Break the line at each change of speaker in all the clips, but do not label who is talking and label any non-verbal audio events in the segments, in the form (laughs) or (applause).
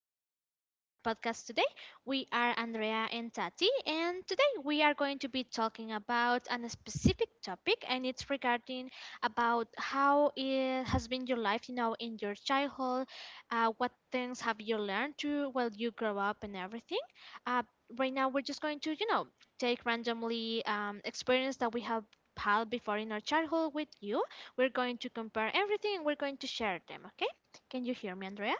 podcast today. We are Andrea and Tati, and today we are going to be talking about a specific topic, and it's regarding about how it has been your life, you know, in your childhood, what things have you learned to while you grow up and everything. Uh, right now we're just going to, you know, take randomly experience that we have had before in our childhood with you. We're going to compare everything and we're going to share them, okay? Can you hear me, Andrea?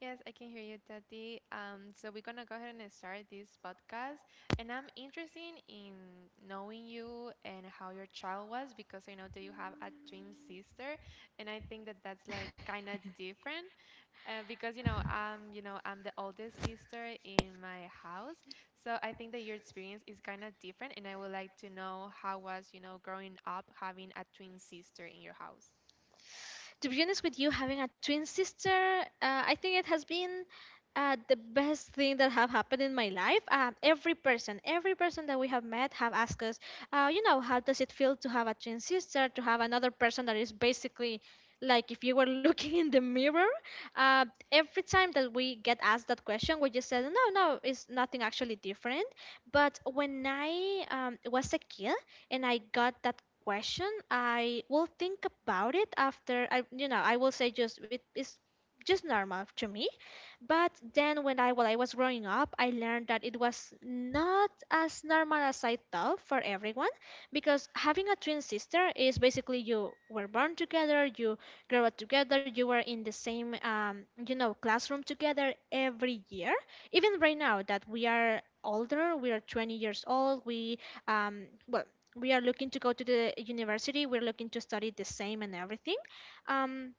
Yes, I can hear you, Tati. So we're gonna go ahead and start this podcast. And I'm interested in knowing you and how your child was because I know that you have a twin sister, and I think that that's like kind of different. Because I'm the oldest sister in my house, so I think that your experience is kind of different, and I would like to know how was, growing up having a twin sister in your house.
To be honest with you, having a twin sister, I think it has been the best thing that have happened in my life. Every person that we have met, have asked us, you know, how does it feel to have a twin sister, to have another person that is basically like if you were (laughs) looking in the mirror. Uh, every time that we get asked that question, we just said, no, no, it's nothing actually different. But when I was a kid and I got that question, I will think about it after I, you know, I will say just it is just normal to me. But then when I while I was growing up, I learned that it was not as normal as I thought for everyone, because having a twin sister is basically you were born together, you grew up together, you were in the same you know classroom together every year. Even right now that we are older, we are 20 years old, we well we are looking to go to the university, we're looking to study the same and everything. Um,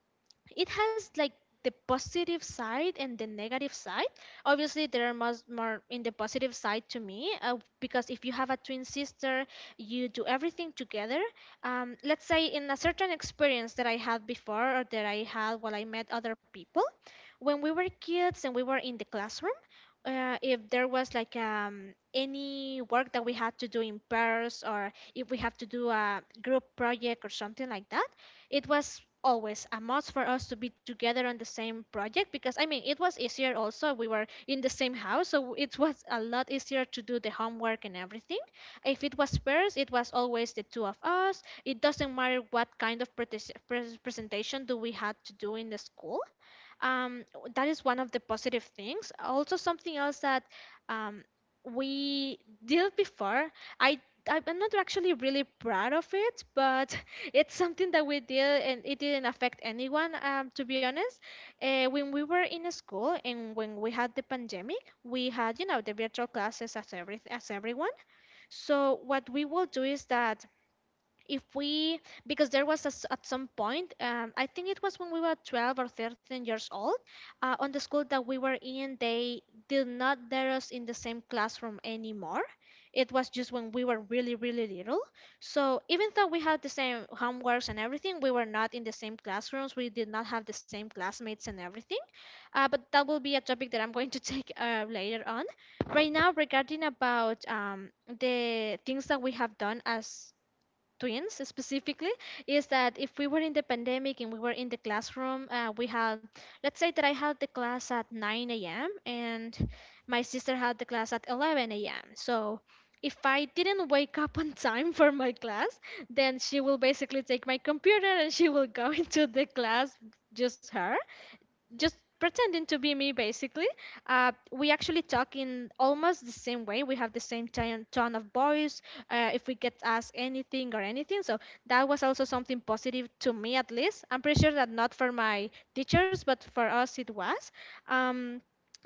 it has like the positive side and the negative side. Obviously there are much more in the positive side to me, because if you have a twin sister, you do everything together. Let's say in a certain experience that I had before, or that I had while I met other people when we were kids and we were in the classroom, if there was like any work that we had to do in pairs, or if we have to do a group project or something like that, it was always a must for us to be together on the same project, because I mean, it was easier. Also, we were in the same house, so it was a lot easier to do the homework. And everything if it was pairs, it was always the two of us. It doesn't matter what kind of presentation do we had to do in the school. um, that is one of the positive things. Also, something else that um, we did before i I'm not actually really proud of it, but (laughs) it's something that we did and it didn't affect anyone, to be honest. When we were in school and when we had the pandemic, we had, you know, the virtual classes as everyone. So what we will do is that if we, because there was a s at some point, I think it was when we were 12 or 13 years old, on the school that we were in, they did not dare us in the same classroom anymore. It was just when we were really really little. So even though we had the same homeworks and everything, we were not in the same classrooms, we did not have the same classmates and everything. But that will be a topic that I'm (laughs) going to take later on. Right now regarding about the things that we have done as twins specifically, is that if we were in the pandemic and we were in the classroom, we had, let's say that I had the class at 9 a.m. and my sister had the class at 11 a.m. So if I didn't wake up (laughs) on time for my class, then she will basically take my computer and she will go (laughs) into the class, just her just pretending to be me. Basically we actually talk in almost the same way, we have the same tone of voice. If we get asked anything or anything, so that was also something positive to me, at least. I'm pretty sure that not for my teachers, but for us it was um,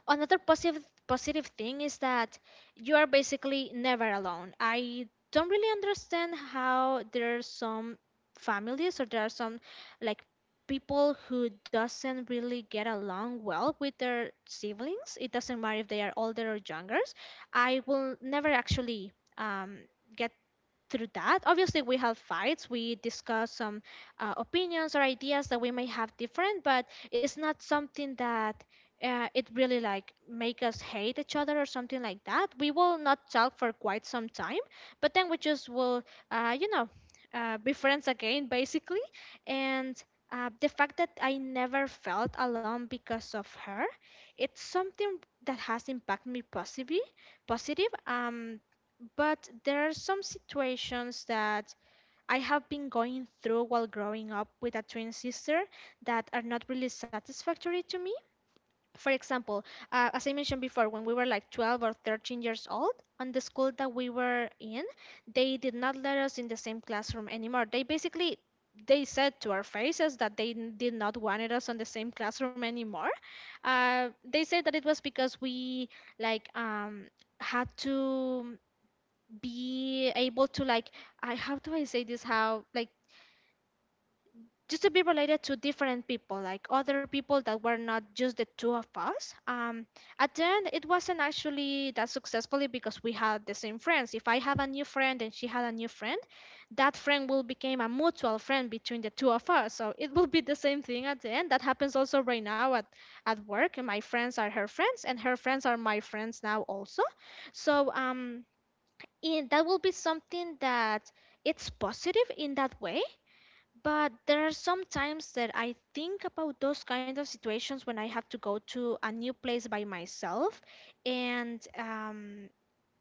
another positive thing is that you are basically never alone. I don't really understand how there are some families or there are some like people who doesn't really get along well with their siblings. It doesn't matter if they are older or younger. I will never actually um, get through that. Obviously we have fights, we discuss some opinions or ideas that we may have different, but it's not something that it really like make us hate each other or something like that. We will not talk for quite some time, but then we just will you know, be friends again basically. And the fact that I never felt alone because of her, it's something that has impacted me positively positive um, but there are some situations that I have been going through while growing up with a twin sister that are not really satisfactory to me. For example, as I mentioned before, when we were like 12 or 13 years old, on the school that we were in, they did not let us in the same classroom anymore. They basically they said to our faces that they did not wanted us on the same classroom anymore. They said that it was because we like had to be able to like I how do I say this how like just to be related to different people, like other people that were not just the two of us. At the end it wasn't actually that successfully, because we had the same friends. If I have a new friend and she had a new friend, that friend will become a mutual friend between the two of us. So it will be the same thing at the end. That happens also right now at work. My friends are her friends and her friends are my friends now also. So and that will be something that it's positive in that way. But there are some times that I think about those kind of situations when I have to go to a new place by myself and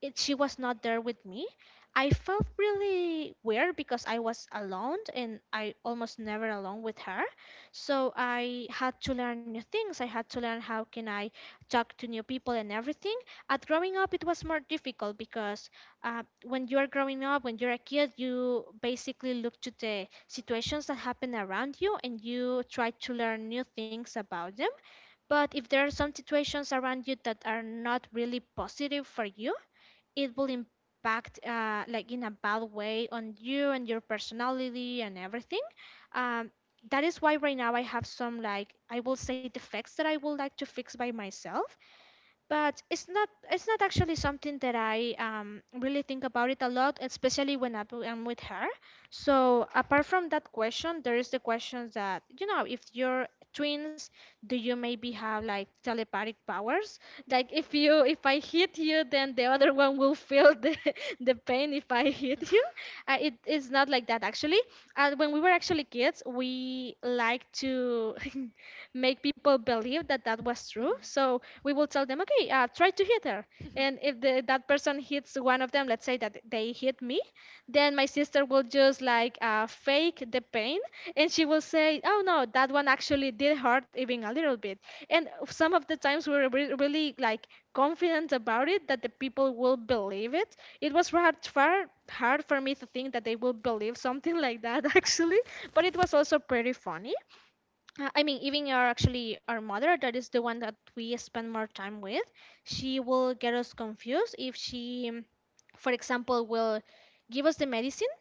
it, she was not there with me. I felt really weird because I was alone and I almost never alone with her. So I had to learn new things. I had to learn how can I talk to new people and everything. At growing up, it was more difficult because when you're growing up, when you're a kid, you basically look to the situations that happen around you and you try to learn new things about them. But if there are some situations around you that are not really positive for you, it will impact like in a bad way on you and your personality and everything. um, that is why right now I have some like, I will say, defects that I would like to fix by myself, but it's not, it's not actually something that I really think about it a lot, especially when I'm with her. So apart from that question, there is the question that, you know, if you're twins, do you maybe have like telepathic powers? Like if you if I hit you, then the other one will feel the (laughs) the pain if I hit you. It is not like that actually. And when we were actually kids, we like to (laughs) make people believe that that was true. So we will tell them, okay, try to hit her. And
(laughs)
if that person hits one of them, let's say that they hit me, then my sister will just like fake the pain and she will say, oh no, that one actually did hurt even a little bit. And some of the times we were really like confident about it that the people will believe it. It was hard, far hard for me to think that they will believe something like that (laughs) actually, but it was also pretty funny. I mean, even our actually our mother, that is the one that we spend more time with, she will get us confused if she, for example, will give us the medicine.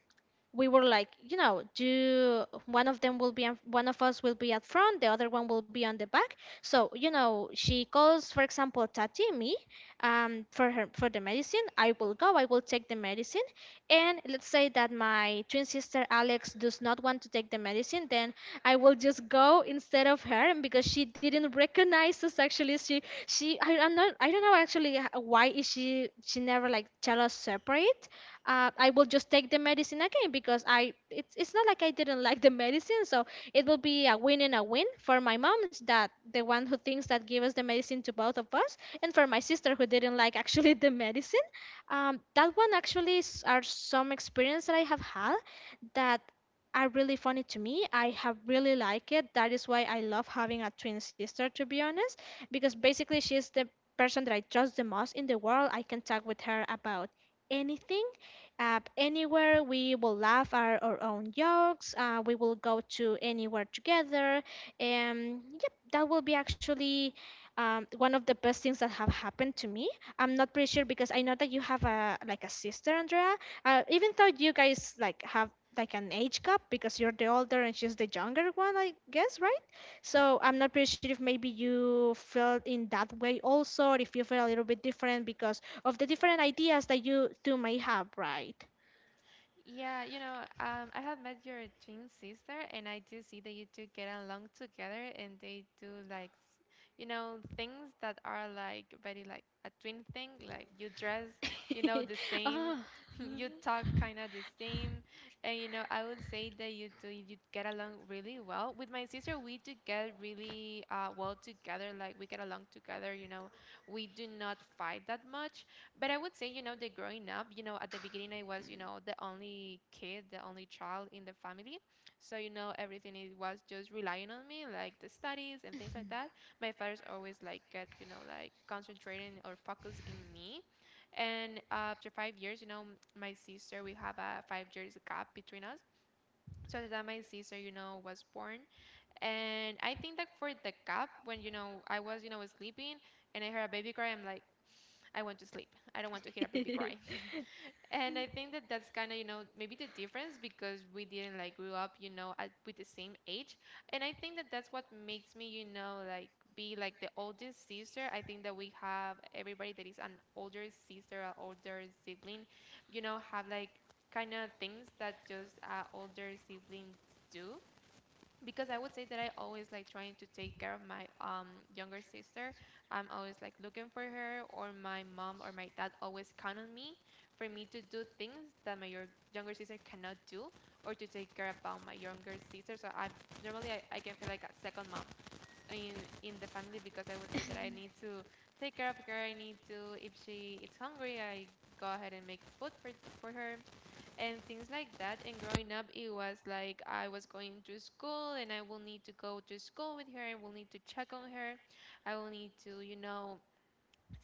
We were like, you know, do one of them will be one of us will be at front, the other one will be on the back. So you know, she calls, for example, Tati me, for her for the medicine. I will go. I will take the medicine. And let's say that my twin sister Alex does not want to take the medicine, then I will just go instead of her and because she didn't recognize us. Actually, she I, I'm not I don't know actually why is she never like tell us separate. I will just take the medicine again because I it's not like I didn't like the medicine, so it will be a win and a win for my mom's that the one who thinks that gave us the medicine to both of us, and for my sister who didn't like actually (laughs) the medicine. That one actually is, are some experience that I have had that are really funny to me. I have really like it. That is why I love having a twin sister, to be honest, because basically she's the person that I trust the most in the world. I can talk with her about anything anywhere. We will laugh our own jokes. We will go to anywhere together. Yep, that will be actually one of the best things that have happened to me. I'm not pretty sure because I know that you have a like a sister, Andrea. Even though you guys like have like an age gap because you're the older and she's the younger one, I guess, right? So
(laughs)
I'm not pretty sure if maybe you felt in that way also, or if you feel a little bit different because of the different ideas that you two may have, right?
Yeah, I have met your twin sister, and I do see that you two get along together, and they do like, things that are like very like a twin thing. Like you dress,
(laughs)
the same,
Ah.
(laughs) you talk kind of the same, and I would say that you two you get along really well. With my sister, we do get really well together. Like we get along together. We do not fight that much, but I would say, the growing up, at the beginning I was, the only kid, the only child in the family. So, everything it was just relying on me, like the studies and things like that. My father's always like get, like concentrating or focus in me. And after 5 years, my sister, we have a 5 years gap between us. So at the time my sister, was born. And I think that for the gap, when, I was, sleeping and I heard a baby cry, I'm like, I want to sleep. I don't want to hear a baby cry.
(laughs)
(laughs) And I think that that's kind of, maybe the difference because we didn't like grew up, at, with the same age. And I think that that's what makes me, like be like the oldest sister. I think that we have everybody that is an older sister or older sibling, have like kind of things that just older siblings do because I would say that I always like trying to take care of my younger sister. I'm always like looking for her, or my mom or my dad always count on me for me to do things that my younger sister cannot do, or to take care about my younger sister. So I normally I can feel like a second mom in in the family because I would say that I need to take care of her. I need to, if she is hungry, I go ahead and make food for her and things like that. And growing up, it was like I was going to school and I will need to go to school with her. I will need to check on her. I will need to,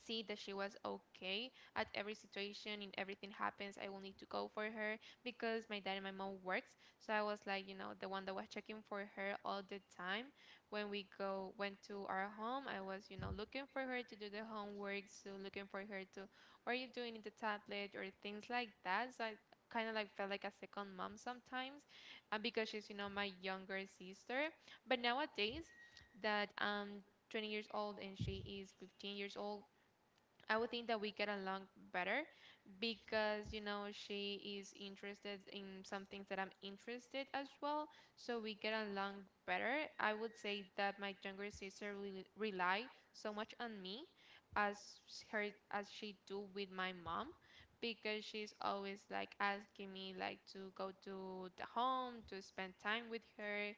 see that she was okay at every situation and everything happens. I will need to go for her because my dad and my mom works, so I was like, the one that was checking for her all the time. When we go went to our home, I was, looking for her to do the homework, so looking for her to what are you doing in the tablet or things like that. So I kind of like felt like a second mom sometimes. And because she's, my younger sister, but nowadays that 20 years old and she is 15 years old, I would think that we get along better because she is interested in something that I'm interested as well, so we get along better. I would say that my younger sister will rely so much on me as her as she do with my mom because she's always like asking me like to go to the home, to spend time with her,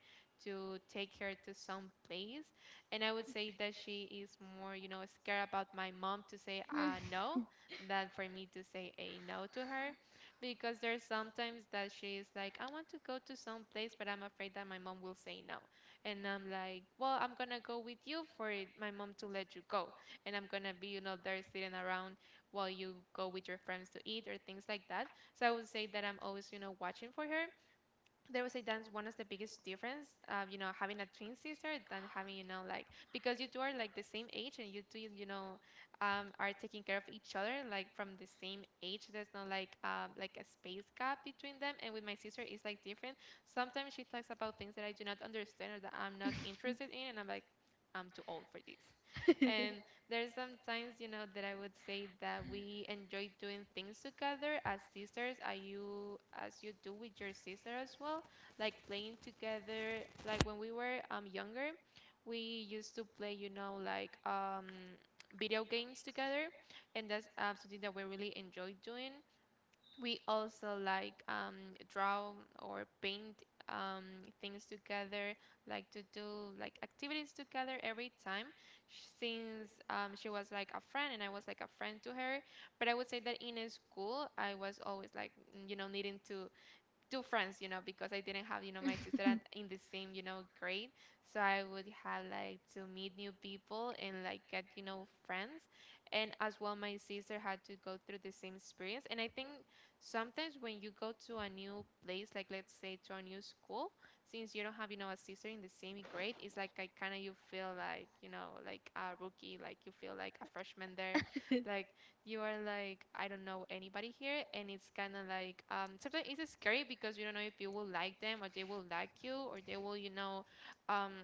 to take her to some place. And I would say that she is more scared about my mom to say
Mm.
no than for me to say a no to her because there's sometimes that she's like, I want to go to some place, but I'm afraid that my mom will say no. And I'm like, well, I'm gonna go with you for my mom to let you go, and I'm gonna be, there sitting around while you go with your friends to eat or things like that. So I would say that I'm always, watching for her. There was a That's one of the biggest difference, having a twin sister than having, like, because you two are like the same age and you two, are taking care of each other like from the same age. There's no like, like a space gap between them. And with my sister it's like different. Sometimes she talks about things that I do not understand or that I'm not interested in, and I'm like, I'm too old for this. And there are some times, that I would say that we enjoy doing things together as sisters, as you do with your sister as well, like playing together. Like when we were younger, we used to play, like video games together, and that's something that we really enjoy doing. We also like draw or paint things together, like to do like activities together every time. Since she was like a friend and I was like a friend to her. But I would say that in a school I was always like, needing to two friends, because I didn't have, my sister at, in the same, grade. So I would have like to meet new people and like get, friends. And as well, my sister had to go through the same experience. And I think sometimes when you go to a new place, like let's say to a new school, since you don't have, a sister in the same grade, it's like I kind of you feel like, like a rookie, like you feel like a freshman there, like you are like, I don't know anybody here. And it's kind of like, sometimes it's scary because you don't know if you will like them or they will like you, or they will, um,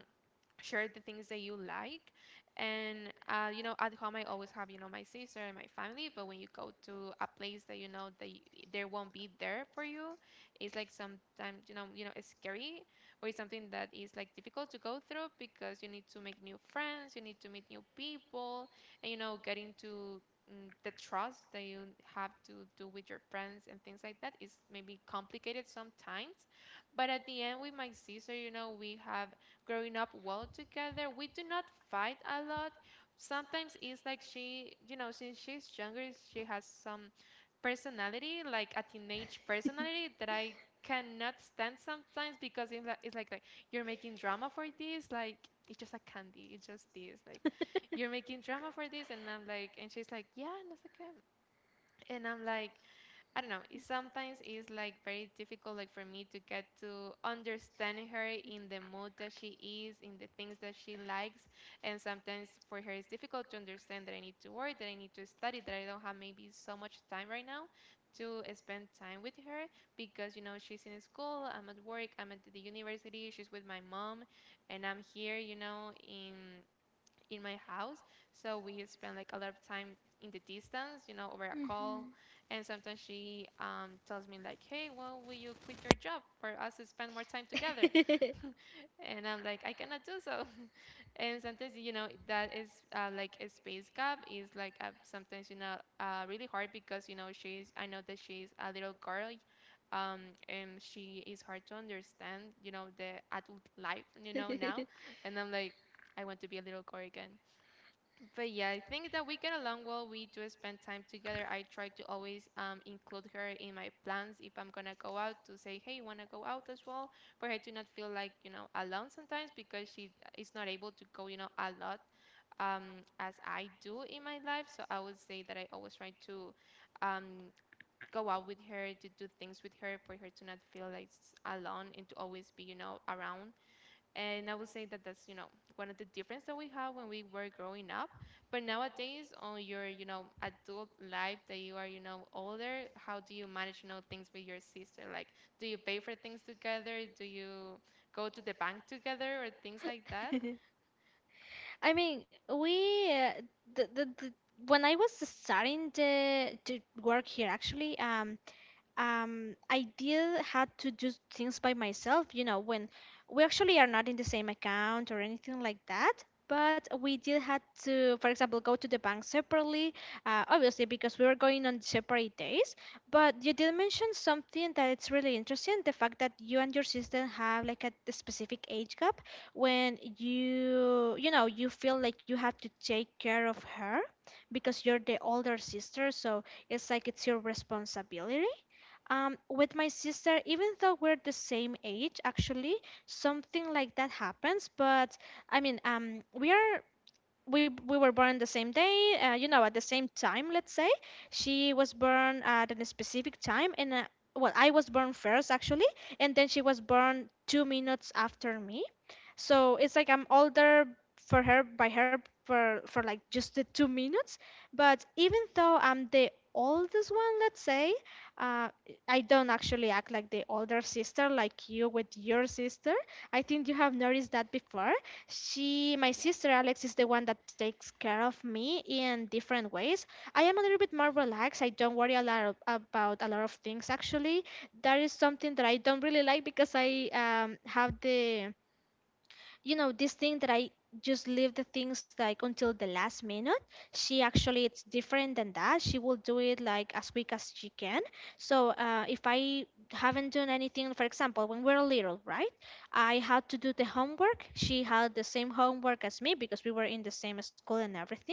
share the things that you like. And at home I always have, my sister and my family, but when you go to a place that you know they won't be there for you, it's like, sometimes, it's scary, or it's something that is like difficult to go through because you need to make new friends, you need to meet new people, and get into the trust that you have to do with your friends and things like that is maybe complicated sometimes. But at the end, with my sister, we have growing up well together. We do not fight a lot. Sometimes it's like she, since she's younger, she has some personality, like a teenage personality that I cannot stand sometimes because like you're making drama for this, like it's just a candy, it's just this, like you're making drama for this. And I'm like, and she's like, yeah, no sé qué, and I'm like, I don't know. It sometimes is like very difficult, like for me to get to understand her in the mood that she is, in the things that she likes. And sometimes for her it's difficult to understand that I need to work, that I need to study, that I don't have maybe so much time right now to spend time with her because she's in school, I'm at work, I'm at the university, she's with my mom, and I'm here, in my house. So we spend like a lot of time in the distance, over a call. And sometimes she, tells me like, "Hey, well, will you quit your job for us to spend more time together?"
(laughs)
(laughs)
(laughs)
And I'm like, "I cannot do so." (laughs) And sometimes, that is, like a space gap is like, sometimes, really hard because, she's I know that she's a little girl, and she is hard to understand, the adult life, now.
(laughs)
And I'm like, I want to be a little girl again. But yeah, I think that we get along well. We do spend time together. I try to always include her in my plans if I'm gonna go out to say, hey, you wanna go out as well, for her to not feel like alone sometimes because she is not able to go a lot as I do in my life. So I would say that I always try to um, go out with her to do things with her for her to not feel like alone and to always be around, and I would say that's one of the difference that we have when we were growing up. But nowadays, on your adult life that you are older, how do you manage things with your sister? Like, do you pay for things together? Do you go to the bank together or things like that?
I mean, we the when I was starting to work here, actually, I did had to do things by myself, you know, when we actually are not in the same account or anything like that. But we did had to, for example, go to the bank separately, obviously because we were going on separate days. But you did mention something that it's really interesting, the fact that you and your sister have like a specific age gap when you know, you feel like you have to take care of her because you're the older sister, so it's like it's your responsibility with my sister, even though we're the same age, actually, something like that happens. But I mean, we are we were born the same day, you know, at the same time. Let's say she was born at a specific time, and well, I was born first actually, and then she was born two minutes after me. So it's like I'm older for her for like just the two minutes. But even though I'm the oldest one, let's say, uh, I don't actually act like the older sister like you with your sister. I think you have noticed that before. She, my
Yeah.
sister Alex, is the one that takes care of me in different ways. I am a little bit more relaxed. I don't worry a lot of, about a lot of things actually. That is something that I don't really like because I have the you know this thing that I just leave the things like until the last minute. She actually, it's different than that. She will do it like as quick as she can, so if I haven't done anything, for example, when we're little, right, I had to do the homework. She had the same homework as me because we were in the same school and everything.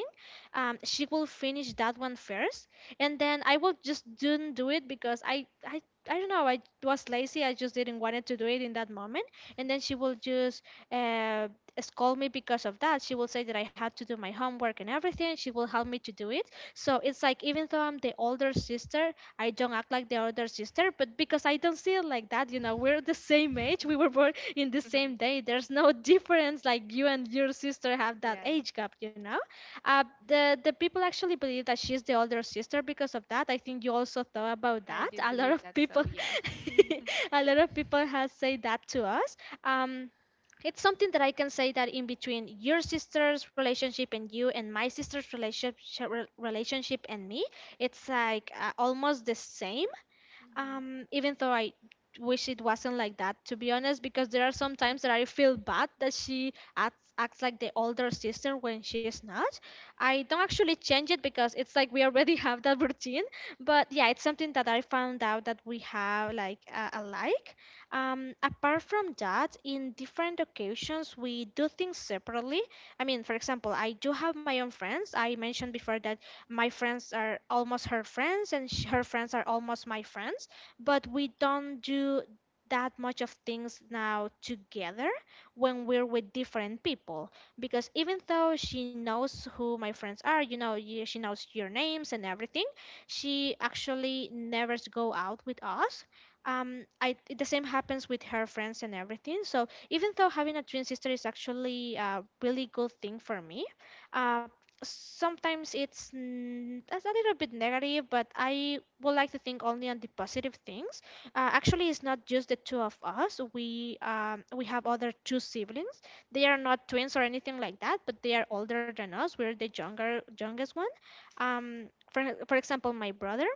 She will finish that one first, and then I will just didn't do it because I don't know. I was lazy. I just didn't wanted to do it in that moment, and then she will just uh, scold me because of that. She will say that I had to do my homework and everything. She will help me to do it. So it's like even though I'm the older sister, I don't act like the older sister, but because I don't see it like that, you know, we're the same age. We were born in the same
(laughs)
day. There's no (laughs) difference. Like you and your sister have that
Yeah,
age gap, you know. The people actually believe that she's the older sister because of that. I think you also thought about
I
that.
did
A lot
believe
of
that
people,
so, yeah.
(laughs) a lot of people has said that to us. Um, it's something that I can say that in between your sister's relationship and you and my sister's relationship and me, it's like almost the same
(laughs)
even though I wish it wasn't like that, to be honest, because there are some times that I feel bad that acts like the older sister when she's not. I don't actually change it because it's like we already (laughs) have that routine. But yeah, it's something that I found out that we have like alike. Apart from that, in different occasions, we do things separately. I mean, for example, I do have my own friends. I mentioned before that my friends are almost her friends and her friends are almost my friends, but we don't do that much of things now together when we're with different people because even though she knows who my friends are, you know, she knows your names and everything, she actually never go out with us. I the same happens with her friends and everything, so even though having a twin sister is actually a really good thing for me, uh, sometimes it's it's a little bit negative, but I would like to think only on the positive things. Actually, it's not just the two of us. We have other two siblings. They are not twins or anything like that, but they are older than us. We're the younger youngest one. For example,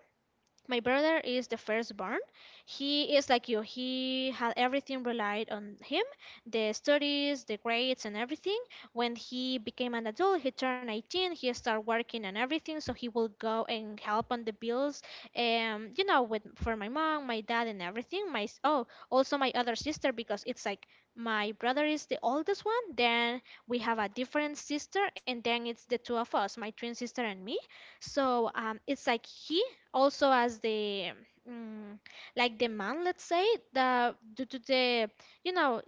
my brother is the firstborn. He is like you. He had everything relied on him, the studies, the grades, and everything. When he became an adult, he turned 18. He started working and everything, so he will go and help on the bills. You know, with for my mom, my dad, and everything. Oh, also my other sister, because it's like my brother is the oldest one. Then we have a different sister, and then it's the two of us, my twin sister and me. So it's like he also as the mm, like the man, let's say, the due to the you know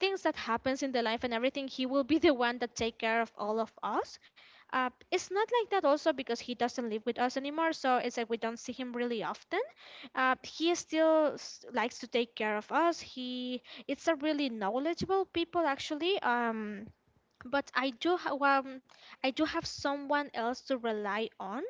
things that happens in the life and everything, he will be the one that take care of
Mhm.
all of us. It's not like that also because he doesn't live with us anymore, so it's like we don't see him really often. He still likes to take care of us. He it's a really knowledgeable people actually. But I do have someone else to rely on.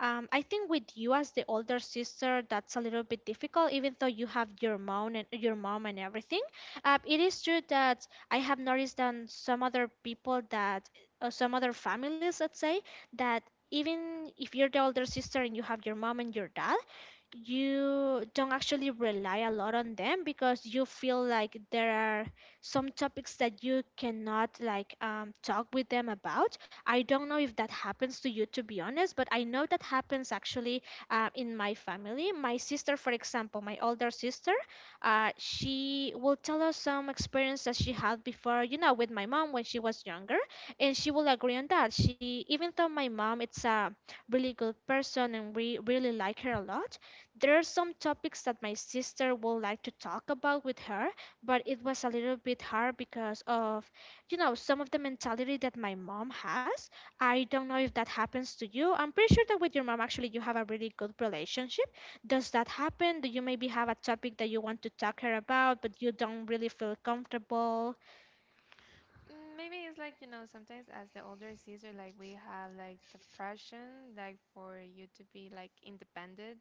I think with you as the older sister, that's a little bit difficult, even though you have your mom and everything. It is true that I have noticed on some other people that some other families, let's say, that even if you're the older sister and you have your mom and your dad, you don't actually rely a lot on them because you feel like there are some topics that you cannot like talk with them about. I don't know if that happens to you, to be honest, but I know that happens actually in my family. My sister, for example, my older sister, she will tell us some experiences she had before, you know, with my mom when she was younger, and she will agree on that. She, even though my mom, it's a really good person and we really like her a lot, there are some topics that my sister would like to talk about with her, but it was a little bit hard because of you know some of the mentality that my mom has. I don't know if that happens to you. I'm pretty sure that with your mom actually you have a really good relationship. Does that happen? Do you maybe have a topic that you want to talk her about but you don't really feel comfortable
Maybe it's like, you know, sometimes as the older sister, like we have like the pressure, like for you to be like independent,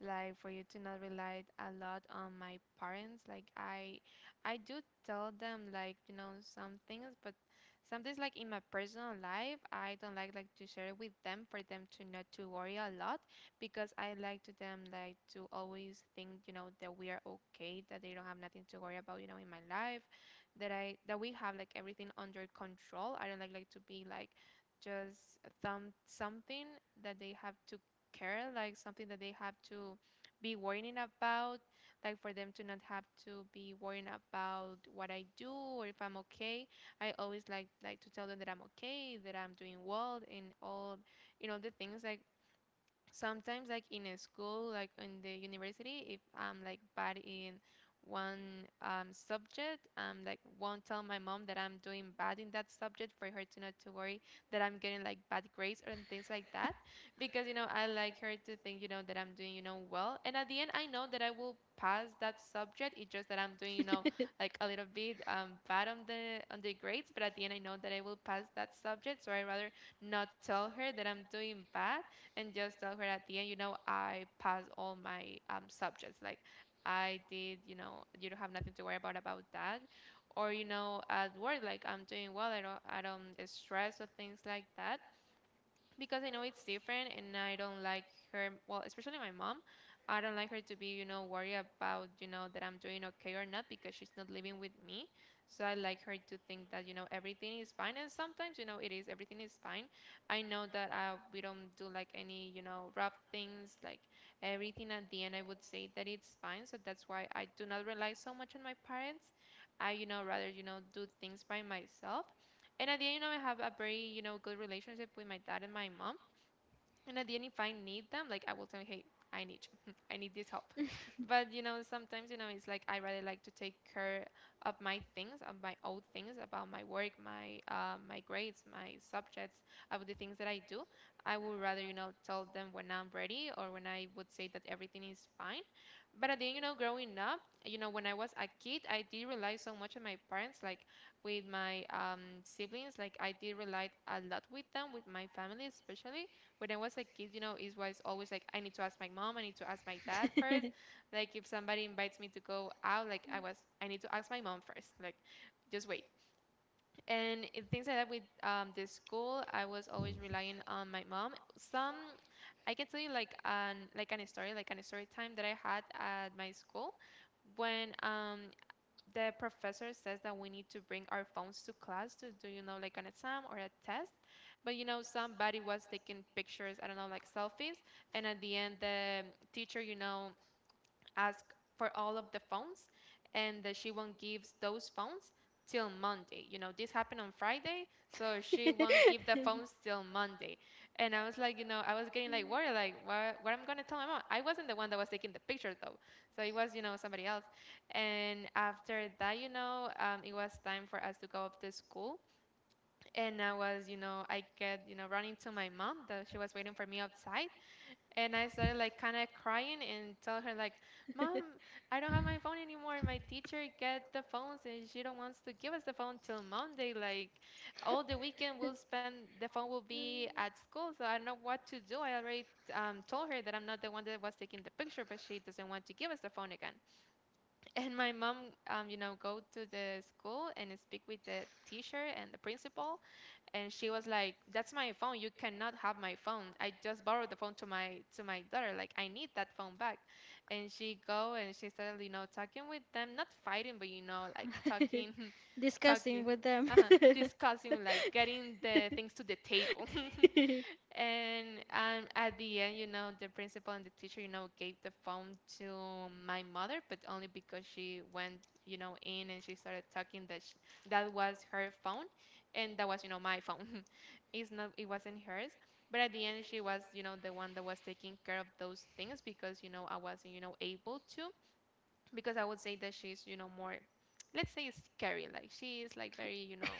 like for you to not rely a lot on my parents. Like I do tell them like, you know, some things, but some things like in my personal life, I don't like to share it with them for them to not to worry a lot because I like to them like to always think that we are okay, that they don't have nothing to worry about in my life that we have like everything under control. I don't like to be like just something that they have to care, like something that they have to be worrying about, like for them to not have to be worrying about what I do or if I'm okay. I always like to tell them that I'm okay, that I'm doing well and all the things, like sometimes like in a school, like in the university, if I'm like bad in one subject, like won't tell my mom that I'm doing bad in that subject for her to not to worry that I'm getting like bad grades or things like that because I like her to think that I'm doing well, and at the end I know that I will pass that subject. It's just that I'm doing like a little bit bad on the grades, but at the end I know that I will pass that subject, so I rather not tell her that I'm doing bad and just tell her at the end, I passed all my subjects. Like I did, you don't have nothing to worry about that. Or at work, like I'm doing well. I don't stress or things like that because I know it's different, and I don't like her, well, especially my mom, I don't like her to be worried about that I'm doing okay or not because she's not living with me. So I like her to think that everything is fine. And sometimes, it is, everything is fine. I know that we don't do like any rough things, like everything at the end, I would say that it's fine. So that's why I do not rely so much on my parents. I rather, do things by myself, and at the end I have a very good relationship with my dad and my mom, and at the end if I need them, like I will tell, hey, I need you. (laughs) I need this help. (laughs) But sometimes it's like I rather like to take care of my things, of my old things, about my work, my grades, my subjects, about the things that I do. I would rather tell them when I'm ready or when I would say that everything is fine. But I think growing up, you know, when I was a kid I did rely so much on my parents, like with my siblings, like I did rely a lot with them, with my family, especially when I was a kid, it was always like I need to ask my mom, I need to ask my dad first,
(laughs)
like if somebody invites me to go out, like I need to ask my mom first, like just wait, and things like that, with the school, I was always relying on my mom. Some I can tell you like an story like an story time that I had at my school when the professor says that we need to bring our phones to class to do like an exam or a test, but somebody was taking pictures, I don't know, like selfies, and at the end the teacher, you know, ask for all of the phones and that she won't give those phones till Monday. You know, this happened on Friday, so she won't give the phones till Monday. And I was like, you know, I was getting like worried, like what I'm gonna tell my mom. I wasn't the one that was taking the picture though, so it was somebody else. And after that, it was time for us to go up to school, and I was I get running to my mom that she was waiting for me outside, and I started like kind of crying and tell her like, "Mom, I don't have my phone anymore. My teacher get the phones and she don't wants to give us the phone till Monday. Like, all the weekend we'll spend the phone will be at school, so I don't know what to do. I already told her that I'm not the one that was taking the picture, but she doesn't want to give us the phone again." (laughs) And my mom, go to the school and speak with the teacher and the principal, and she was like, "That's my phone. You cannot have my phone. I just borrowed the phone to my daughter. Like, I need that phone back." And she go and she started talking with them, not fighting but like talking, (laughs)
discussing
talking,
with them?
discussing, like getting the things to the table. (laughs) And at the end, the principal and the teacher gave the phone to my mother, but only because she went in, and she started talking that sh that was her phone, and that was my phone. (laughs) It's not, it wasn't hers. But at the end, she was the one that was taking care of those things because I wasn't able to, because I would say that she's more, let's say, scary. Like she is like very, you know,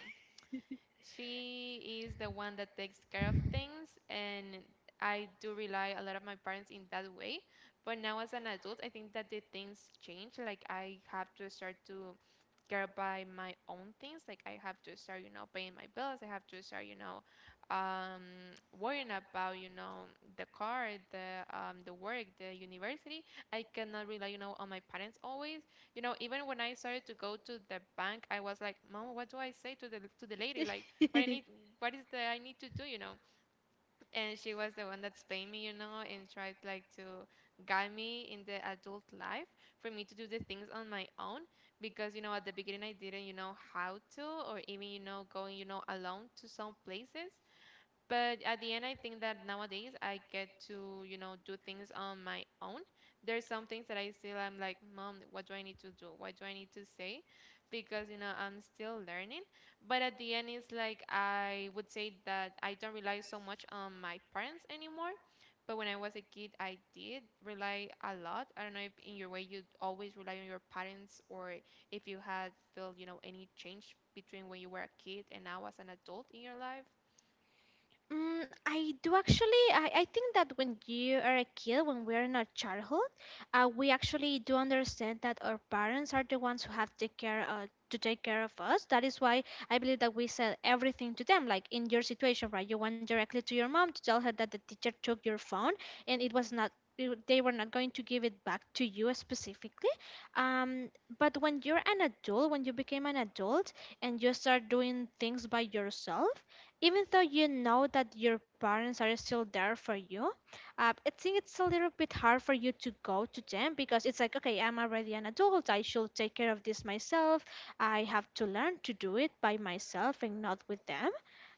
she is the one that takes care of things, and I do rely a lot of my parents in that way. But now as an adult, I think that the things change. Like I have to start to get by my own things. Like I have to start paying my bills. I have to startum, worrying about the car, the work, the university. I cannot rely on my parents always. You know, even when I started to go to the bank, I was
(laughs)
like, "Mom, what do I say to the lady? Like, what I need, what is the I need
(laughs)
to do?" You know and she was the one that spanked me, and tried like to guide me in the adult life for me to do the things on my own because at the beginning I didn't how to, or even going alone to some places. But at the end, I think that nowadays I get to do things on my own. There's some things that I still am like, "Mom, what do I need to do? What do I need to say?" Because I'm still learning. But at the end, it's like I would say that I don't rely so much on my parents anymore. But when I was a kid, I did rely a lot. I don't know if in your way you always rely on your parents or if you had felt any change between when you were a kid and now as an adult in your life.
Mm, I do actually. I think that when you are a kid, when we are in our childhood, we actually do understand that our parents are the ones who have take care to take care of us. That is why I believe that we said everything to them. Like in your situation, right? You went directly to your mom to tell her that the teacher took your phone, and it was not. They were not going to give it back to you specifically. Um, but when you're an adult, when you became an adult, and you start doing things by yourself, even though you know that your parents are still there for you, I think it's a little bit hard for you to go to them, because it's like, okay, I'm already an adult, I should take care of this myself. I have to learn to do it by myself and not with them.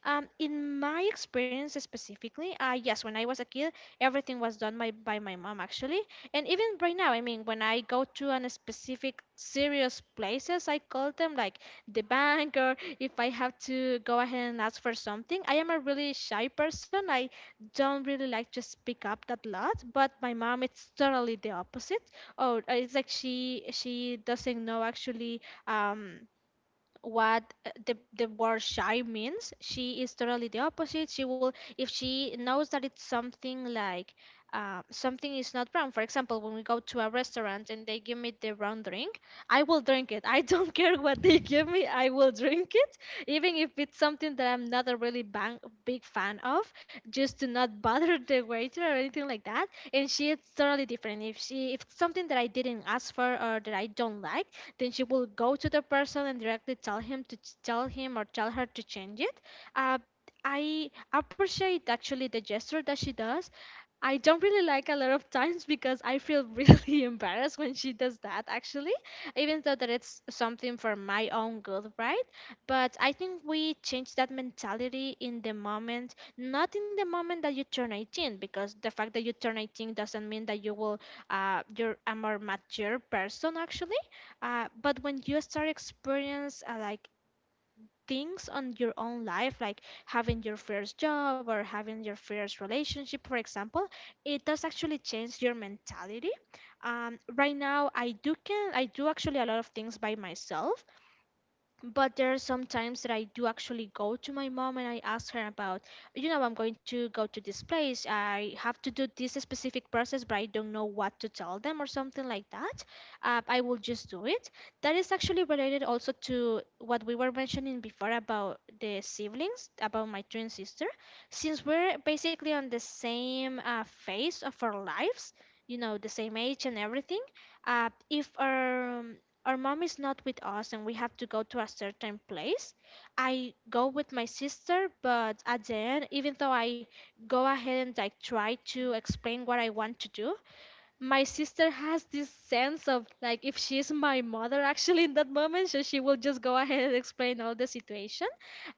In my experience specifically, yes, when I was a kid, everything was done by my mom actually. And even right now, I mean, when I go to a specific serious places, I call them, like the bank, if I have to go ahead and ask for something. I am a really shy person. I don't really like to speak up that lot, but my mom it's totally the opposite. Oh, it's like she doesn't know actually, Um, what the word shy means. She is totally the opposite. She will, if she knows that it's something like something is not brown. For example, when we go to a restaurant and they give me the brown drink, I will drink it. I don't (laughs) care what they give me. I will drink it, even if it's something that I'm not a really big fan of, just to not bother the waiter or anything like that. And she is totally different. If it's something that I didn't ask for or that I don't like, then she will go to the person and directly tell him, to tell him or tell her to change it. Uh, I appreciate actually the gesture that she does. I don't really like a lot of times (laughs) because I feel really (laughs) embarrassed when she does that actually, even though that it's something for my own good, right? But I think we change that mentality in the moment, not in the moment that you turn 18, because the fact that you turn 18 doesn't mean that you will you're a more mature person actually. But when you start experience like things on your own life, like having your first job or having your first relationship, for example, it does actually change your mentality. Right now, I do actually a lot of things by myself, but there are some times that I do actually go to my mom and I ask her about, you know, I'm going to go to this place, I have to do this specific process, but I don't know what to tell them or something like that. I will just do it. That is actually related also to what we were mentioning before about the siblings, about my twin sister. Since we're basically on the same phase of our lives, you know, the same age and everything, if our our mom is not with us and we have to go to a certain place, I go with my sister, but at the end, even though I go ahead and like try to explain what I want to do, my sister has this sense of like if she's my mother actually in that moment, so she will just go ahead and explain all the situation,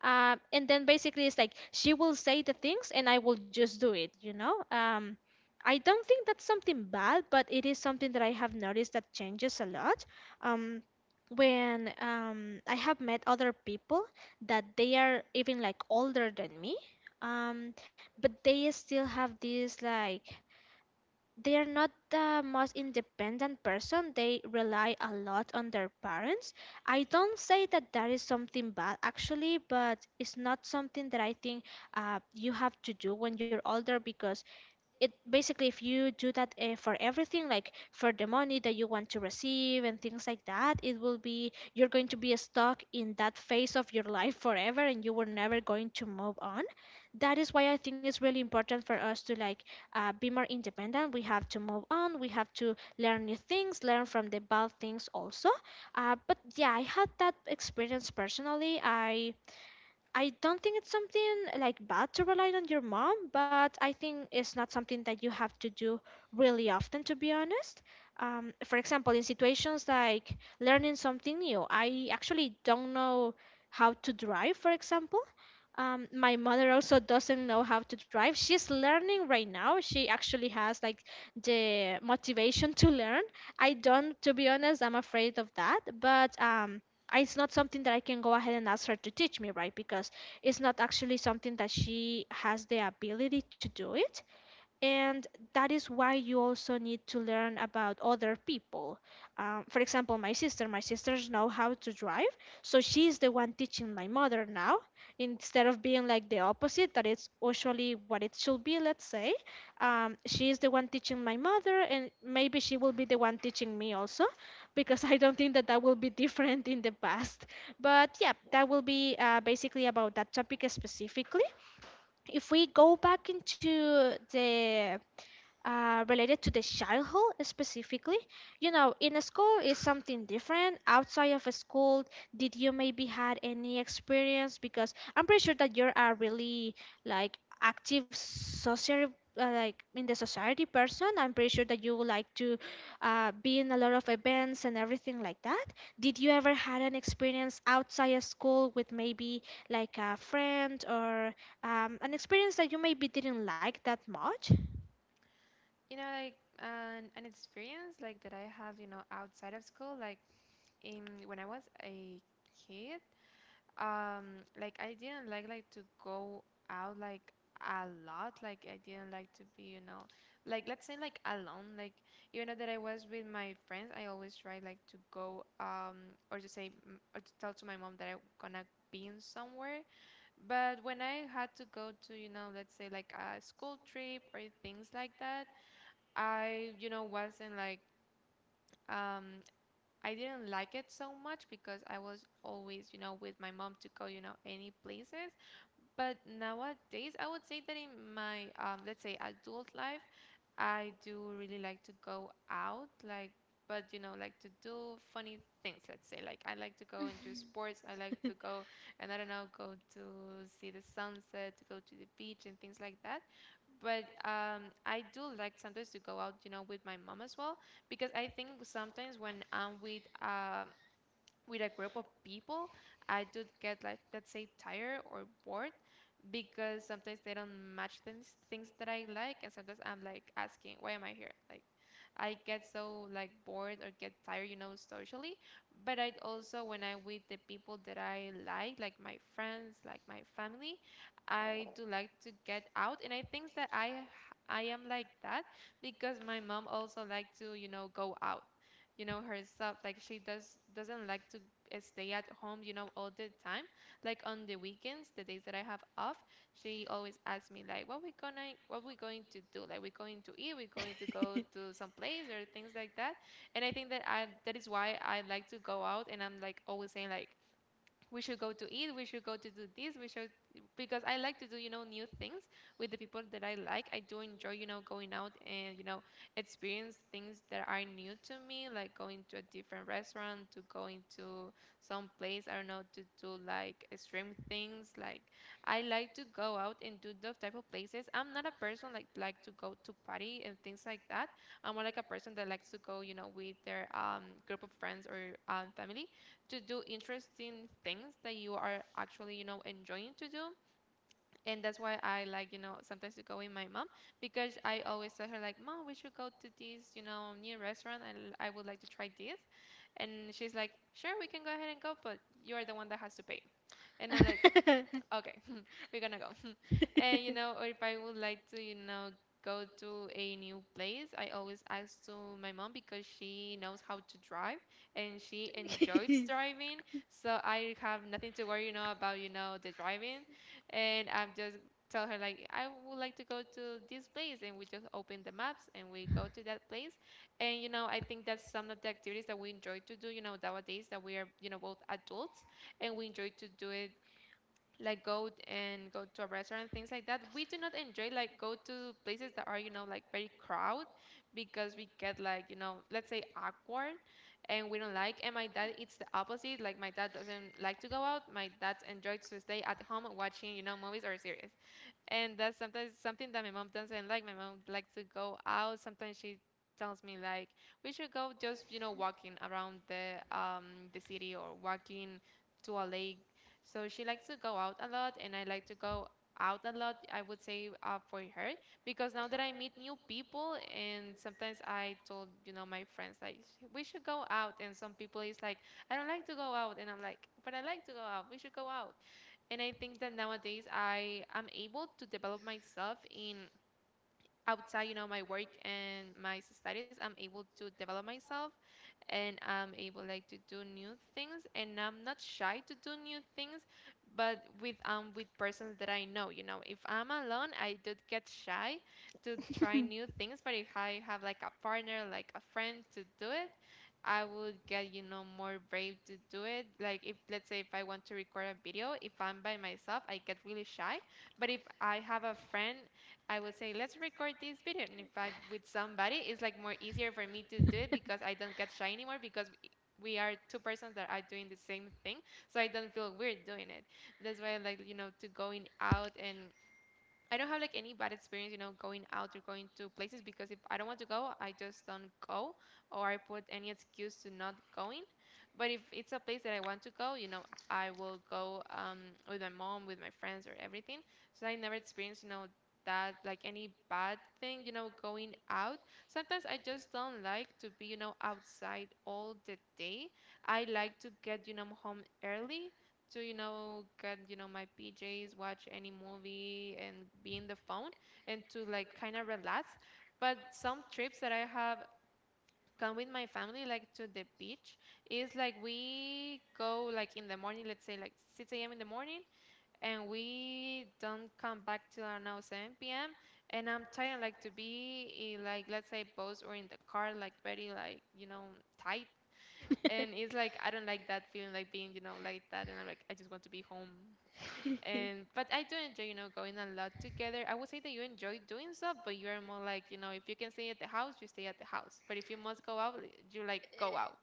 and then basically it's like she will say the things and I will just do it, you know. I don't think that's something bad, but it is something that I have noticed that changes a lot. um, when I have met other people that they are even like older than me, um, but they still have this like, they're not the most independent person, they rely a lot on their parents. I don't say that that is something bad actually, but it's not something that I think you have to do when you're older, because it basically, if you do that for everything, like for the money that you want to receive and things like that, it will be, you're going to be stuck in that phase of your life forever and you were never
(laughs)
going to move on. That is why I think it's really important for us to like be more independent. We have to move on, we have to learn new things, learn from the bad things also, but yeah, I had that experience personally. I don't think it's something like bad to rely on your mom, but I think it's not something that you have to do really often, to be honest. For example, in situations like learning something new, I actually don't know how to drive, for example. My mother also doesn't know how to drive. She's learning right now. She actually has like the motivation to learn. I don't, to be honest, I'm afraid of that. But it's not something that I can go ahead and ask her to teach me, right? Because it's not actually something that she has the ability to do it. And that is why you also need to learn about other people. For example, my sister, my sisters know how to drive, so she's the one teaching my mother now, instead of being like the opposite, that it's usually what it should be, let's say. She is the one teaching my mother, and maybe she will be the one teaching me also, because (laughs) I don't think that that will be different in the past. But yeah, that will be basically about that topic specifically. If we go back into the related to the childhood specifically, you know, in a school is something different. Outside of a school, did you maybe had any experience? Because I'm pretty sure that you're a really like active social, like in the society person. I'm pretty sure that you would like to be in a lot of events and everything like that. Did you ever had an experience outside of school with maybe like a friend or an experience that you maybe didn't like that much?
You know, like an experience like that I have, you know, outside of school, like in when I was a kid, like I didn't like to go out like a lot. Like, I didn't like to be, you know, like let's say like alone. Like, even though that I was with my friends, I always try like to go or to say or to tell to my mom that I'm gonna be in somewhere. But when I had to go to, you know, let's say like a school trip or things like that, I, you know, wasn't like um I didn't like it so much because I was always, you know, with my mom to go, you know, any places. But nowadays, I would say that in my let's say adult life, I do really like to go out, like, but you know, like to do funny things, let's say. Like, I like to go into sports, I like to go and I don't know, go to see the sunset, to go to the beach and things like that. But I do like sometimes to go out, you know, with my mom as well, because I think sometimes when I'm with a group of people, I do get like, let's say, tired or bored, because sometimes they don't match things that I like, and sometimes I'm like asking, why am I here? Like, I get so like bored or get tired, you know, socially. But I also when I'm with the people that I like my friends, like my family, I do like to get out, and I think that I am like that because my mom also like to, you know, go out, you know, herself. Like, she doesn't like to stay at home, you know, all the time. Like on the weekends, the days that I have off, she always asks me like, What we going to do? Like, we going to eat? We going to go to some place or things like that?" And I think that I that is why I like to go out, and I'm like always saying like, we should go to eat, we should go to do this, we should, because I like to do, you know, new things with the people that I like. I do enjoy, you know, going out and, you know, experience things that are new to me, like going to a different restaurant, to going to some place, I don't know, to do like extreme things. Like, I like to go out and do those type of places. I'm not a person like to go to party and things like that. I'm more like a person that likes to go, you know, with their group of friends or family to do interesting things that you are actually, you know, enjoying to do. And that's why I like, you know, sometimes to go with my mom, because I always tell her like, "Mom, we should go to this, you know, new restaurant. I would like to try this." And she's like, "Sure, we can go ahead and go, but you are the one that has to pay." And I'm like,
(laughs)
okay, (laughs) we're gonna go. (laughs) And you know, or if I would like to, you know, go to a new place, I always ask to my mom because she knows how to drive and she enjoys driving. So I have nothing to worry, you know, about, you know, the driving. And I'm just tell her like I would like to go to this place, and we just open the maps and we go to that place. And you know, I think that's some of the activities that we enjoy to do, you know, nowadays that we are, you know, both adults, and we enjoy to do it, like go to a restaurant, things like that. We do not enjoy like go to places that are, you know, like very crowd, because we get like, you know, let's say awkward, and we don't like. And my dad, it's the opposite. Like, my dad doesn't like to go out. My dad enjoys to stay at home watching, you know, movies or series, and that's sometimes something that my mom doesn't like. My mom likes to go out. Sometimes she tells me like, we should go just, you know, walking around the city, or walking to a lake. So she likes to go out a lot, and I like to go out a lot, I would say, for her. Because now that I meet new people, and sometimes I told, you know, my friends like, We should go out," and some people is like, I don't like to go out, and I'm like, but I like to go out, we should go out. And I think that nowadays I am able to develop myself in outside, you know, my work and my studies. I'm able to develop myself, and I'm able like to do new things, and I'm not shy to do new things, but with persons that I know. You know, if I'm alone, I do get shy to try new things, but if I have like a partner, like a friend, to do it, I would get, you know, more brave to do it. Like, if let's say if I want to record a video, if I'm by myself, I get really shy. But if I have a friend, I would say, let's record this video. And if I'm with somebody, it's like more easier for me to do it because I don't get shy anymore, because we are two persons that are doing the same thing. So I don't feel weird doing it. That's why I like, you know, to going out, and I don't have like any bad experience, you know, going out or going to places, because if I don't want to go, I just don't go, or I put any excuse to not going. But if it's a place that I want to go, you know, I will go with my mom, with my friends or everything. So I never experienced, you know, that like any bad thing, you know, going out. Sometimes I just don't like to be, you know, outside all the day. I like to get, you know, home early, to you know get, you know, my PJs, watch any movie, and be in the phone and to like kind of relax. But some trips that I have gone with my family, like to the beach, is like we go like in the morning, let's say like 6 a.m. in the morning, and we don't come back till around now 7 p.m., and I'm trying like to be in, like let's say boats or in the car, like very like, you know, tight, and it's like I don't like that feeling, like being, you know, like that, and I'm like, I just want to be home. And But I do enjoy, you know, going a lot together. I would say that you enjoy doing stuff, but you are more like, you know, if you can stay at the house, you stay at the house. But if you must go out, you like go out.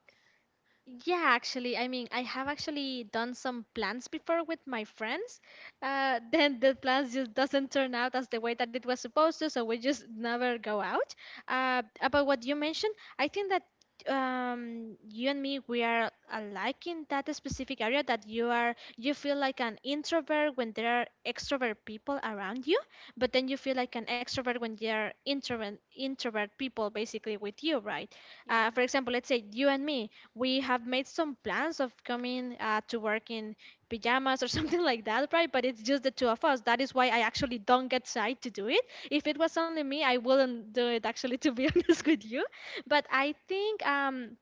Yeah, actually, I mean, I have actually done some plans before with my friends. (laughs) Then the plans just doesn't turn out as the way that it was supposed to, so we just never go out. About what you mentioned, I think that you and me, we are alike in that specific area, that you are, you feel like an introvert when there are extrovert people around you, but then you feel like an extrovert when there are introvert people basically with you, right?
Yeah.
For example, let's say you and me, we have made some plans of coming to work in pajamas or (laughs) something like that, right? But it's just the two of us. That is why I actually don't get shy to do it. If it was only me, I wouldn't do it actually, to be (laughs) honest with you. But I think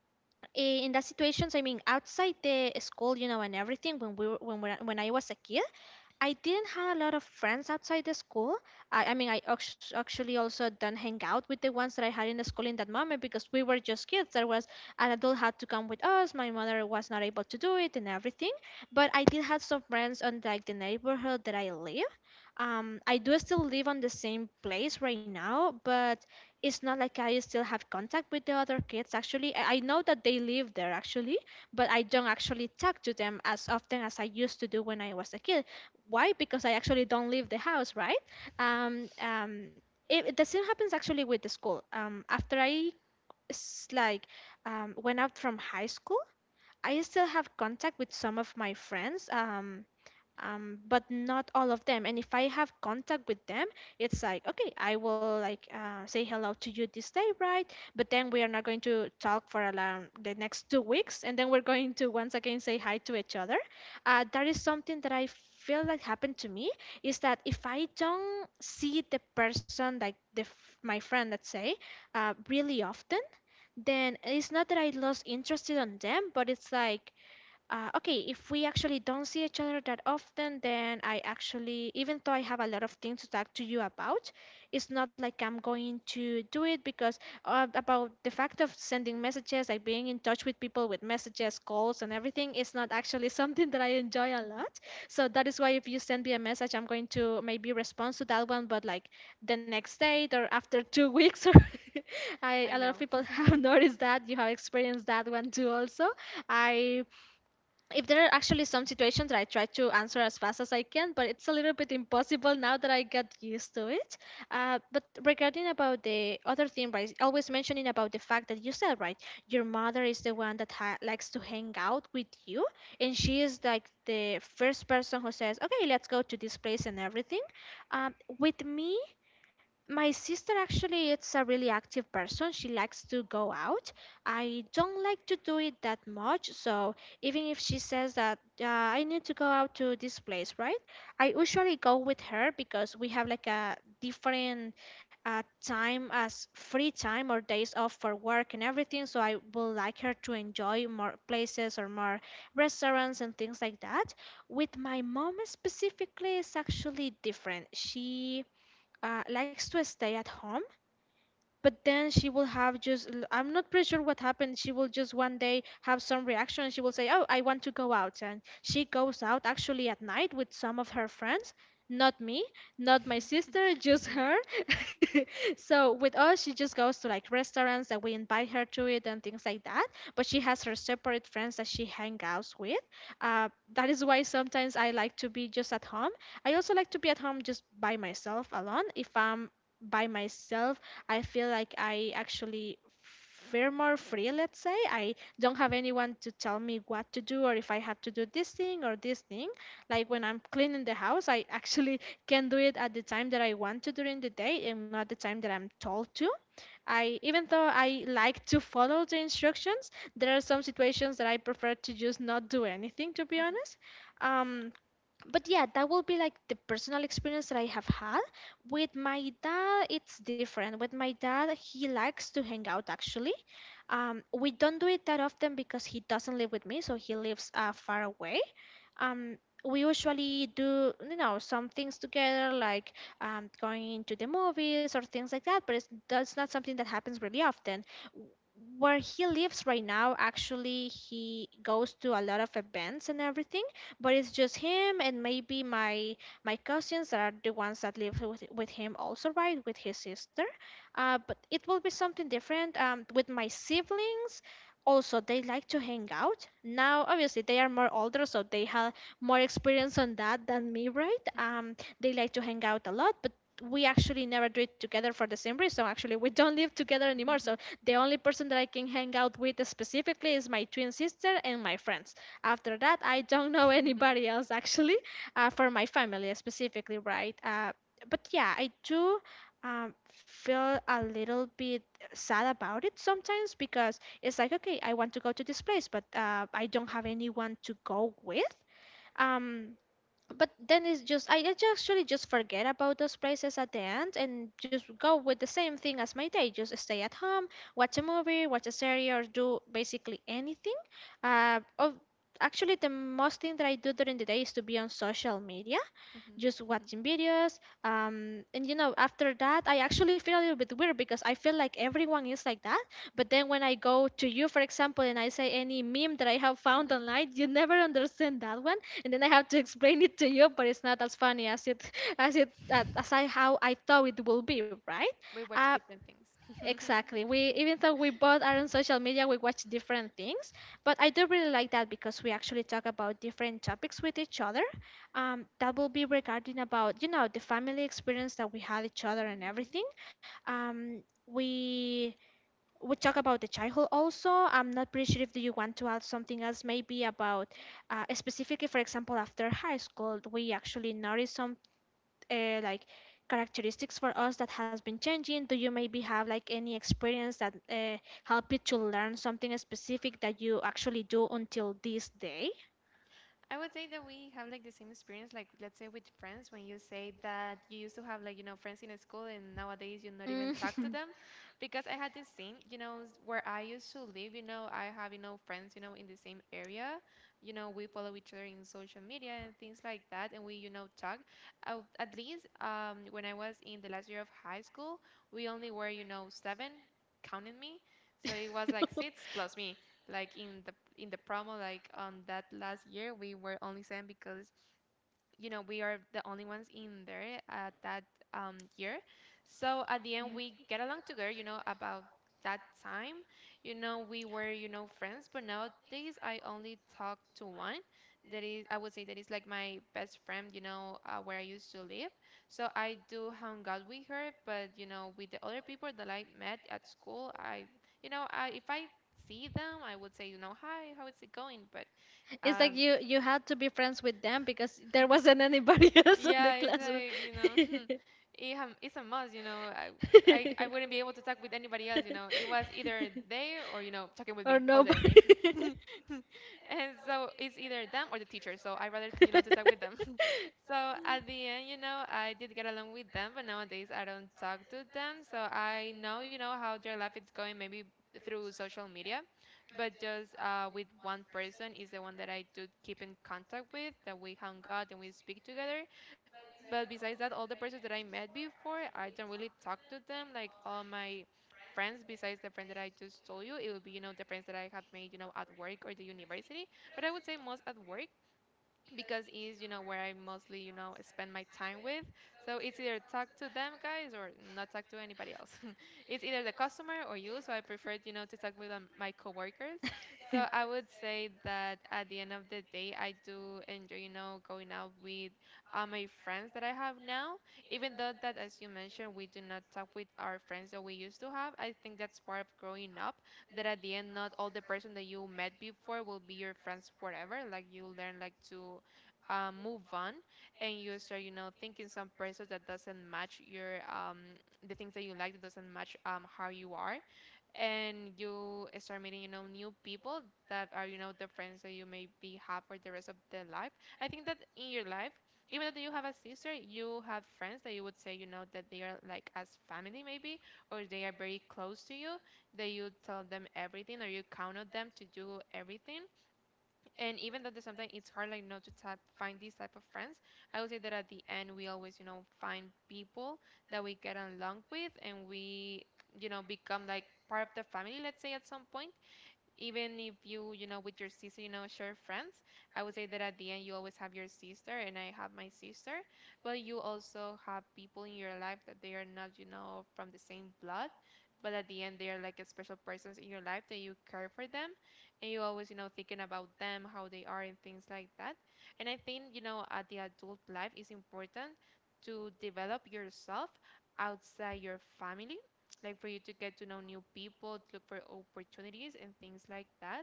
in that situations, I mean, outside the school, you know, and everything, when we were, when we when I was a kid, I didn't have a lot of friends outside the school. I mean, actually also don't hang out with the ones that I had in the school in that moment, because we were just kids. There was an adult had to come with us. My mother was not able to do it and everything. But I did have some friends on like the neighborhood that I live. I do still live on the same place right now, but it's not like I still have contact with the other kids actually. I know that they live there actually, but I don't actually talk to them as often as I used to do when I was a kid. Why? Because I actually don't leave the house, right? Um, um, the same happens actually with the school. After like went out from high school, I still have contact with some of my friends, but not all of them. And if I have contact with them, it's like, okay, I will like say hello to you this day, right? But then we are not going to talk for around the next 2 weeks, and then we're going to once again say hi to each other. That is something that I feel like happened to me is that if I don't see the person, like my friend, let's say, really often, then it's not that I lost interest in them, but it's like okay, if we actually don't see each other that often, then I actually, even though I have a lot of things to talk to you about, it's not like I'm going to do it because about the fact of sending messages, like being in touch with people with messages, calls, and everything, is not actually (laughs) something that I enjoy a lot. So that is why if you send me a message, I'm going to maybe respond to that one, but like the next day or after 2 weeks, (laughs) or I
I
a lot of
know.
people have (laughs) noticed that you have experienced that one too also. I If there are actually some situations that I try to answer as fast as I can, but it's a little bit impossible now that I got used to it. But regarding about the other thing, right, always mentioning about the fact that you said right, your mother is the one that likes to hang out with you, and she is like the first person who says, "Okay, let's go to this place and everything." With me, my sister actually is a really active person. She likes to go out. I don't like to do it that much. So even if she says that I need to go out to this place, right? I usually go with her because we have like a different time as free time or days off for work and everything. So I would like her to enjoy more places or more restaurants and things like that. With my mom specifically, it's actually different. She likes to stay at home, but then she will have just I'm not pretty sure what happened. She will just one day have some reaction. She will say, "Oh, I want to go out," and she goes out actually at night with some of her friends, not me, not my sister, just her. (laughs) So with us, she just goes to like restaurants that we invite her to it and things like that, but she has her separate friends that she hangs out with. Uh, that is why sometimes I like to be just at home. I also like to be at home just by myself alone. If I'm by myself, I feel like I actually feel more free, let's say. I don't have anyone to tell me what to do or if I had to do this thing or this thing. Like when I'm cleaning the house, I actually (laughs) can do it at the time that I want to during the day and not the time that I'm told to. I Even though I like to follow the instructions, there are some situations that I prefer to just not do anything, to be honest.
(laughs)
Um but yeah, that will be like the personal experience that I have had. With my dad, it's different. With my dad, he likes to hang out actually. We don't do it that often because he doesn't live with me, so he lives far away. Um we usually do you know some things together, like going to the movies or things like that, but it's, that's not something that happens really often. Where he lives right now actually, he goes to a lot of events and everything, but it's just him and maybe my cousins that are the ones that live with him also, right, with his sister. But it will be something different. With my siblings also, they like to hang out. Now obviously they are more older, so they have more experience on that than me, right? They like to hang out a lot, but we actually never do it together for the same reason. Actually, we don't live together anymore, so the only person that I can hang out with specifically is my twin sister and my friends. After that, I don't know (laughs) anybody else actually, for my family specifically, right? But yeah, I do feel a little bit sad about it sometimes because it's like, okay, I want to go to this place, but I don't have anyone to go with. Um, but then it's just actually just forget about those places at the end and just go with the same thing as my day. Just stay at home, watch a movie, watch a series, or do basically anything. Of Actually, the most thing that I do during the day is to be on social media, just watching videos. And you know, after that, I actually feel a little bit weird because I feel like everyone is like that. But then when I go to you, for example, and I say any meme that I have found online, you never understand that one, and then I have to explain it to you, but it's not as funny as it (laughs) as I how I thought it will be, right?
We watch
Uh,
different things.
exactly. We Even though we both are on social media, we watch different things, but I do really like that because we actually talk about different topics with each other. That will be regarding about you know the family experience that we had each other and
Mhm.
everything. Um, we we talk about the childhood also. I'm not pretty sure if do you want to add something else, maybe about specifically, for example, after high school, we actually notice some like characteristics for us that has been changing. Do you maybe have like any experience that help you to learn something specific that you actually do until this day?
I would say that we have like the same experience, like let's say with friends, when you say that you used to have like, you know, friends in school, and nowadays you not even talk to
Mm. (laughs)
them. Because I had this thing, you know, where I used to live, you know, I have, you know, friends, you know, in the same area. You know, we follow each other in social media and things like that. And we, you know, talk. At least when I was in the last year of high school, we only were, you know, seven, counting me. So it was like six plus me, like in the promo, like on that last year we were only sent because, you know, we are the only ones in there at that year. So at the end, we get along together, you know, about that time, you know, we were, you know, friends. But nowadays I only talk to one that is, I would say that is like my best friend, you know, where I used to live. So I do hang out with her, but you know, with the other people that I met at school, I you know I, if I see them, I would say, you know, hi, how is it going. But
It's like
um
you had to be friends with them because there
(laughs)
wasn't anybody (laughs) else in the
yeah, it's
classroom.
like, you know, (laughs) it's a must, you know. I wouldn't be able to talk with anybody else, you know. It was either they or, you know, talking
(laughs)
with
Or
me all day.
nobody.
(laughs)
(laughs)
And so it's either them or the teacher. So I rather, you know, to talk with them. (laughs) So at the end, you know, I did get along with them, but nowadays I don't talk to them. So I know, you know, how their life is going, maybe through social media, but just with one person is the one that I do keep in contact with, that we hung out and we speak together. But besides that, all the persons that I met before, I don't really talk to them, like all my friends besides the friend that I just told you. It would be, you know, the friends that I have made, you know, at work or the university, but I would say most at work because is, you know, where I mostly, you know, spend my time with. So it's either talk to them guys or not talk to anybody else. (laughs) It's either the customer or you. So I prefer, you know, to talk with my coworkers. So I would say that at the end of the day, I do enjoy, you know, going out with my friends that I have now, even though that, as you mentioned, we do not talk with our friends that we used to have. I think that's part of growing up, that at the end, not all the person that you met before will be your friends forever. Like, you learn like to move on, and you start, you know, thinking some persons that doesn't match your the things that you like, that doesn't match how you are, and you start meeting, you know, new people that are, you know, the friends that you maybe have for the rest of the life. I think that in your life, even though you have a sister, you have friends that you would say, you know, that they are like as family maybe, or they are very close to you, that you tell them everything, or you count on them to do everything. And even though there's something, it's hard, like, you know, to find these type of friends, I would say that at the end, we always, you know, find people that we get along with, and we, you know, become like part of the family, let's say, at some point. Even if you, you know, with your sister, you know, share friends, I would say that at the end, you always have your sister, and I have my sister, but you also have people in your life that they are not, you know, from the same blood, but at the end, they are like a special persons in your life that you care for them, and you always, you know, thinking about them, how they are, and things like that. And I think, you know, at the adult life, it's important to develop yourself outside your family, like for you to get to know new people, to look for opportunities and things like that.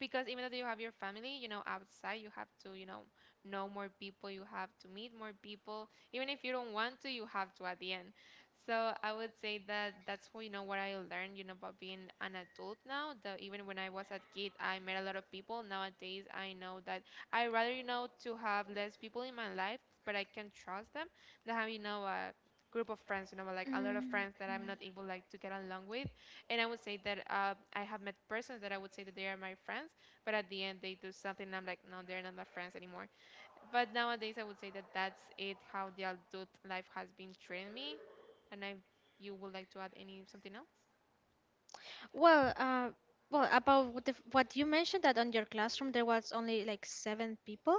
Because even though you have your family, you know, outside, you have to, you know more people, you have to meet more people. Even if you don't want to, you have to at the end. So I would say that that's what, you know, what I learned, you know, about being an adult now, that even when I was a kid, I met a lot of people. Nowadays, I know that I rather, you know, to have less people in my life but I can trust them, than have, you know, a group of friends, you know, like a lot of
Mhm.
friends that I'm not able like to get along with. And I would say that I have met persons that I would say that they are my friends, but at the end they do something and I'm like, no, they're not my friends anymore. But nowadays I would say that that's it, how the adult life has been treating me. And if you would like to add any something else?
Well, uh, well, about what you mentioned that on your classroom there was only like seven people.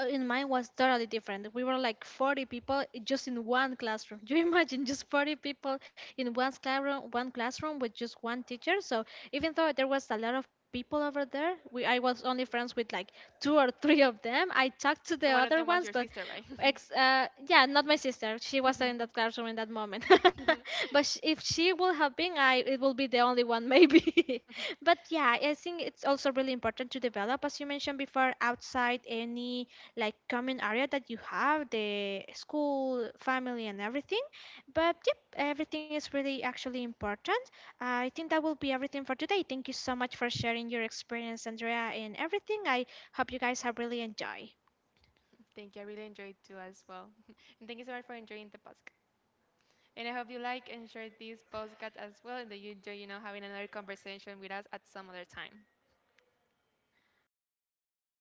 In mine was totally different. We were like 40 people just in one classroom. (laughs) Do you imagine just 40 people in one classroom with just one teacher? So even though there was a lot of people over there, we I was only friends with like two or three of them. I talked to the
And one of
other
them was
ones,
your
but
sister, right?
Yeah, not my sister. She wasn't in that classroom in that moment.
(laughs)
(laughs) If she will have been, I it will be the only one maybe. (laughs) But yeah, I think it's also really important to develop, as you mentioned before, outside any like common area that you have, the school, family, and everything. But yep, everything is really actually important. I think that will be everything for today. Thank you so much for sharing your experience, Andrea, and everything. I hope you guys have really enjoyed.
Thank you. I really enjoyed too as well. (laughs) And thank you so much for enjoying the podcast. And I hope you like and share this podcast as well, and that you enjoy, you know, having another conversation with us at some other time.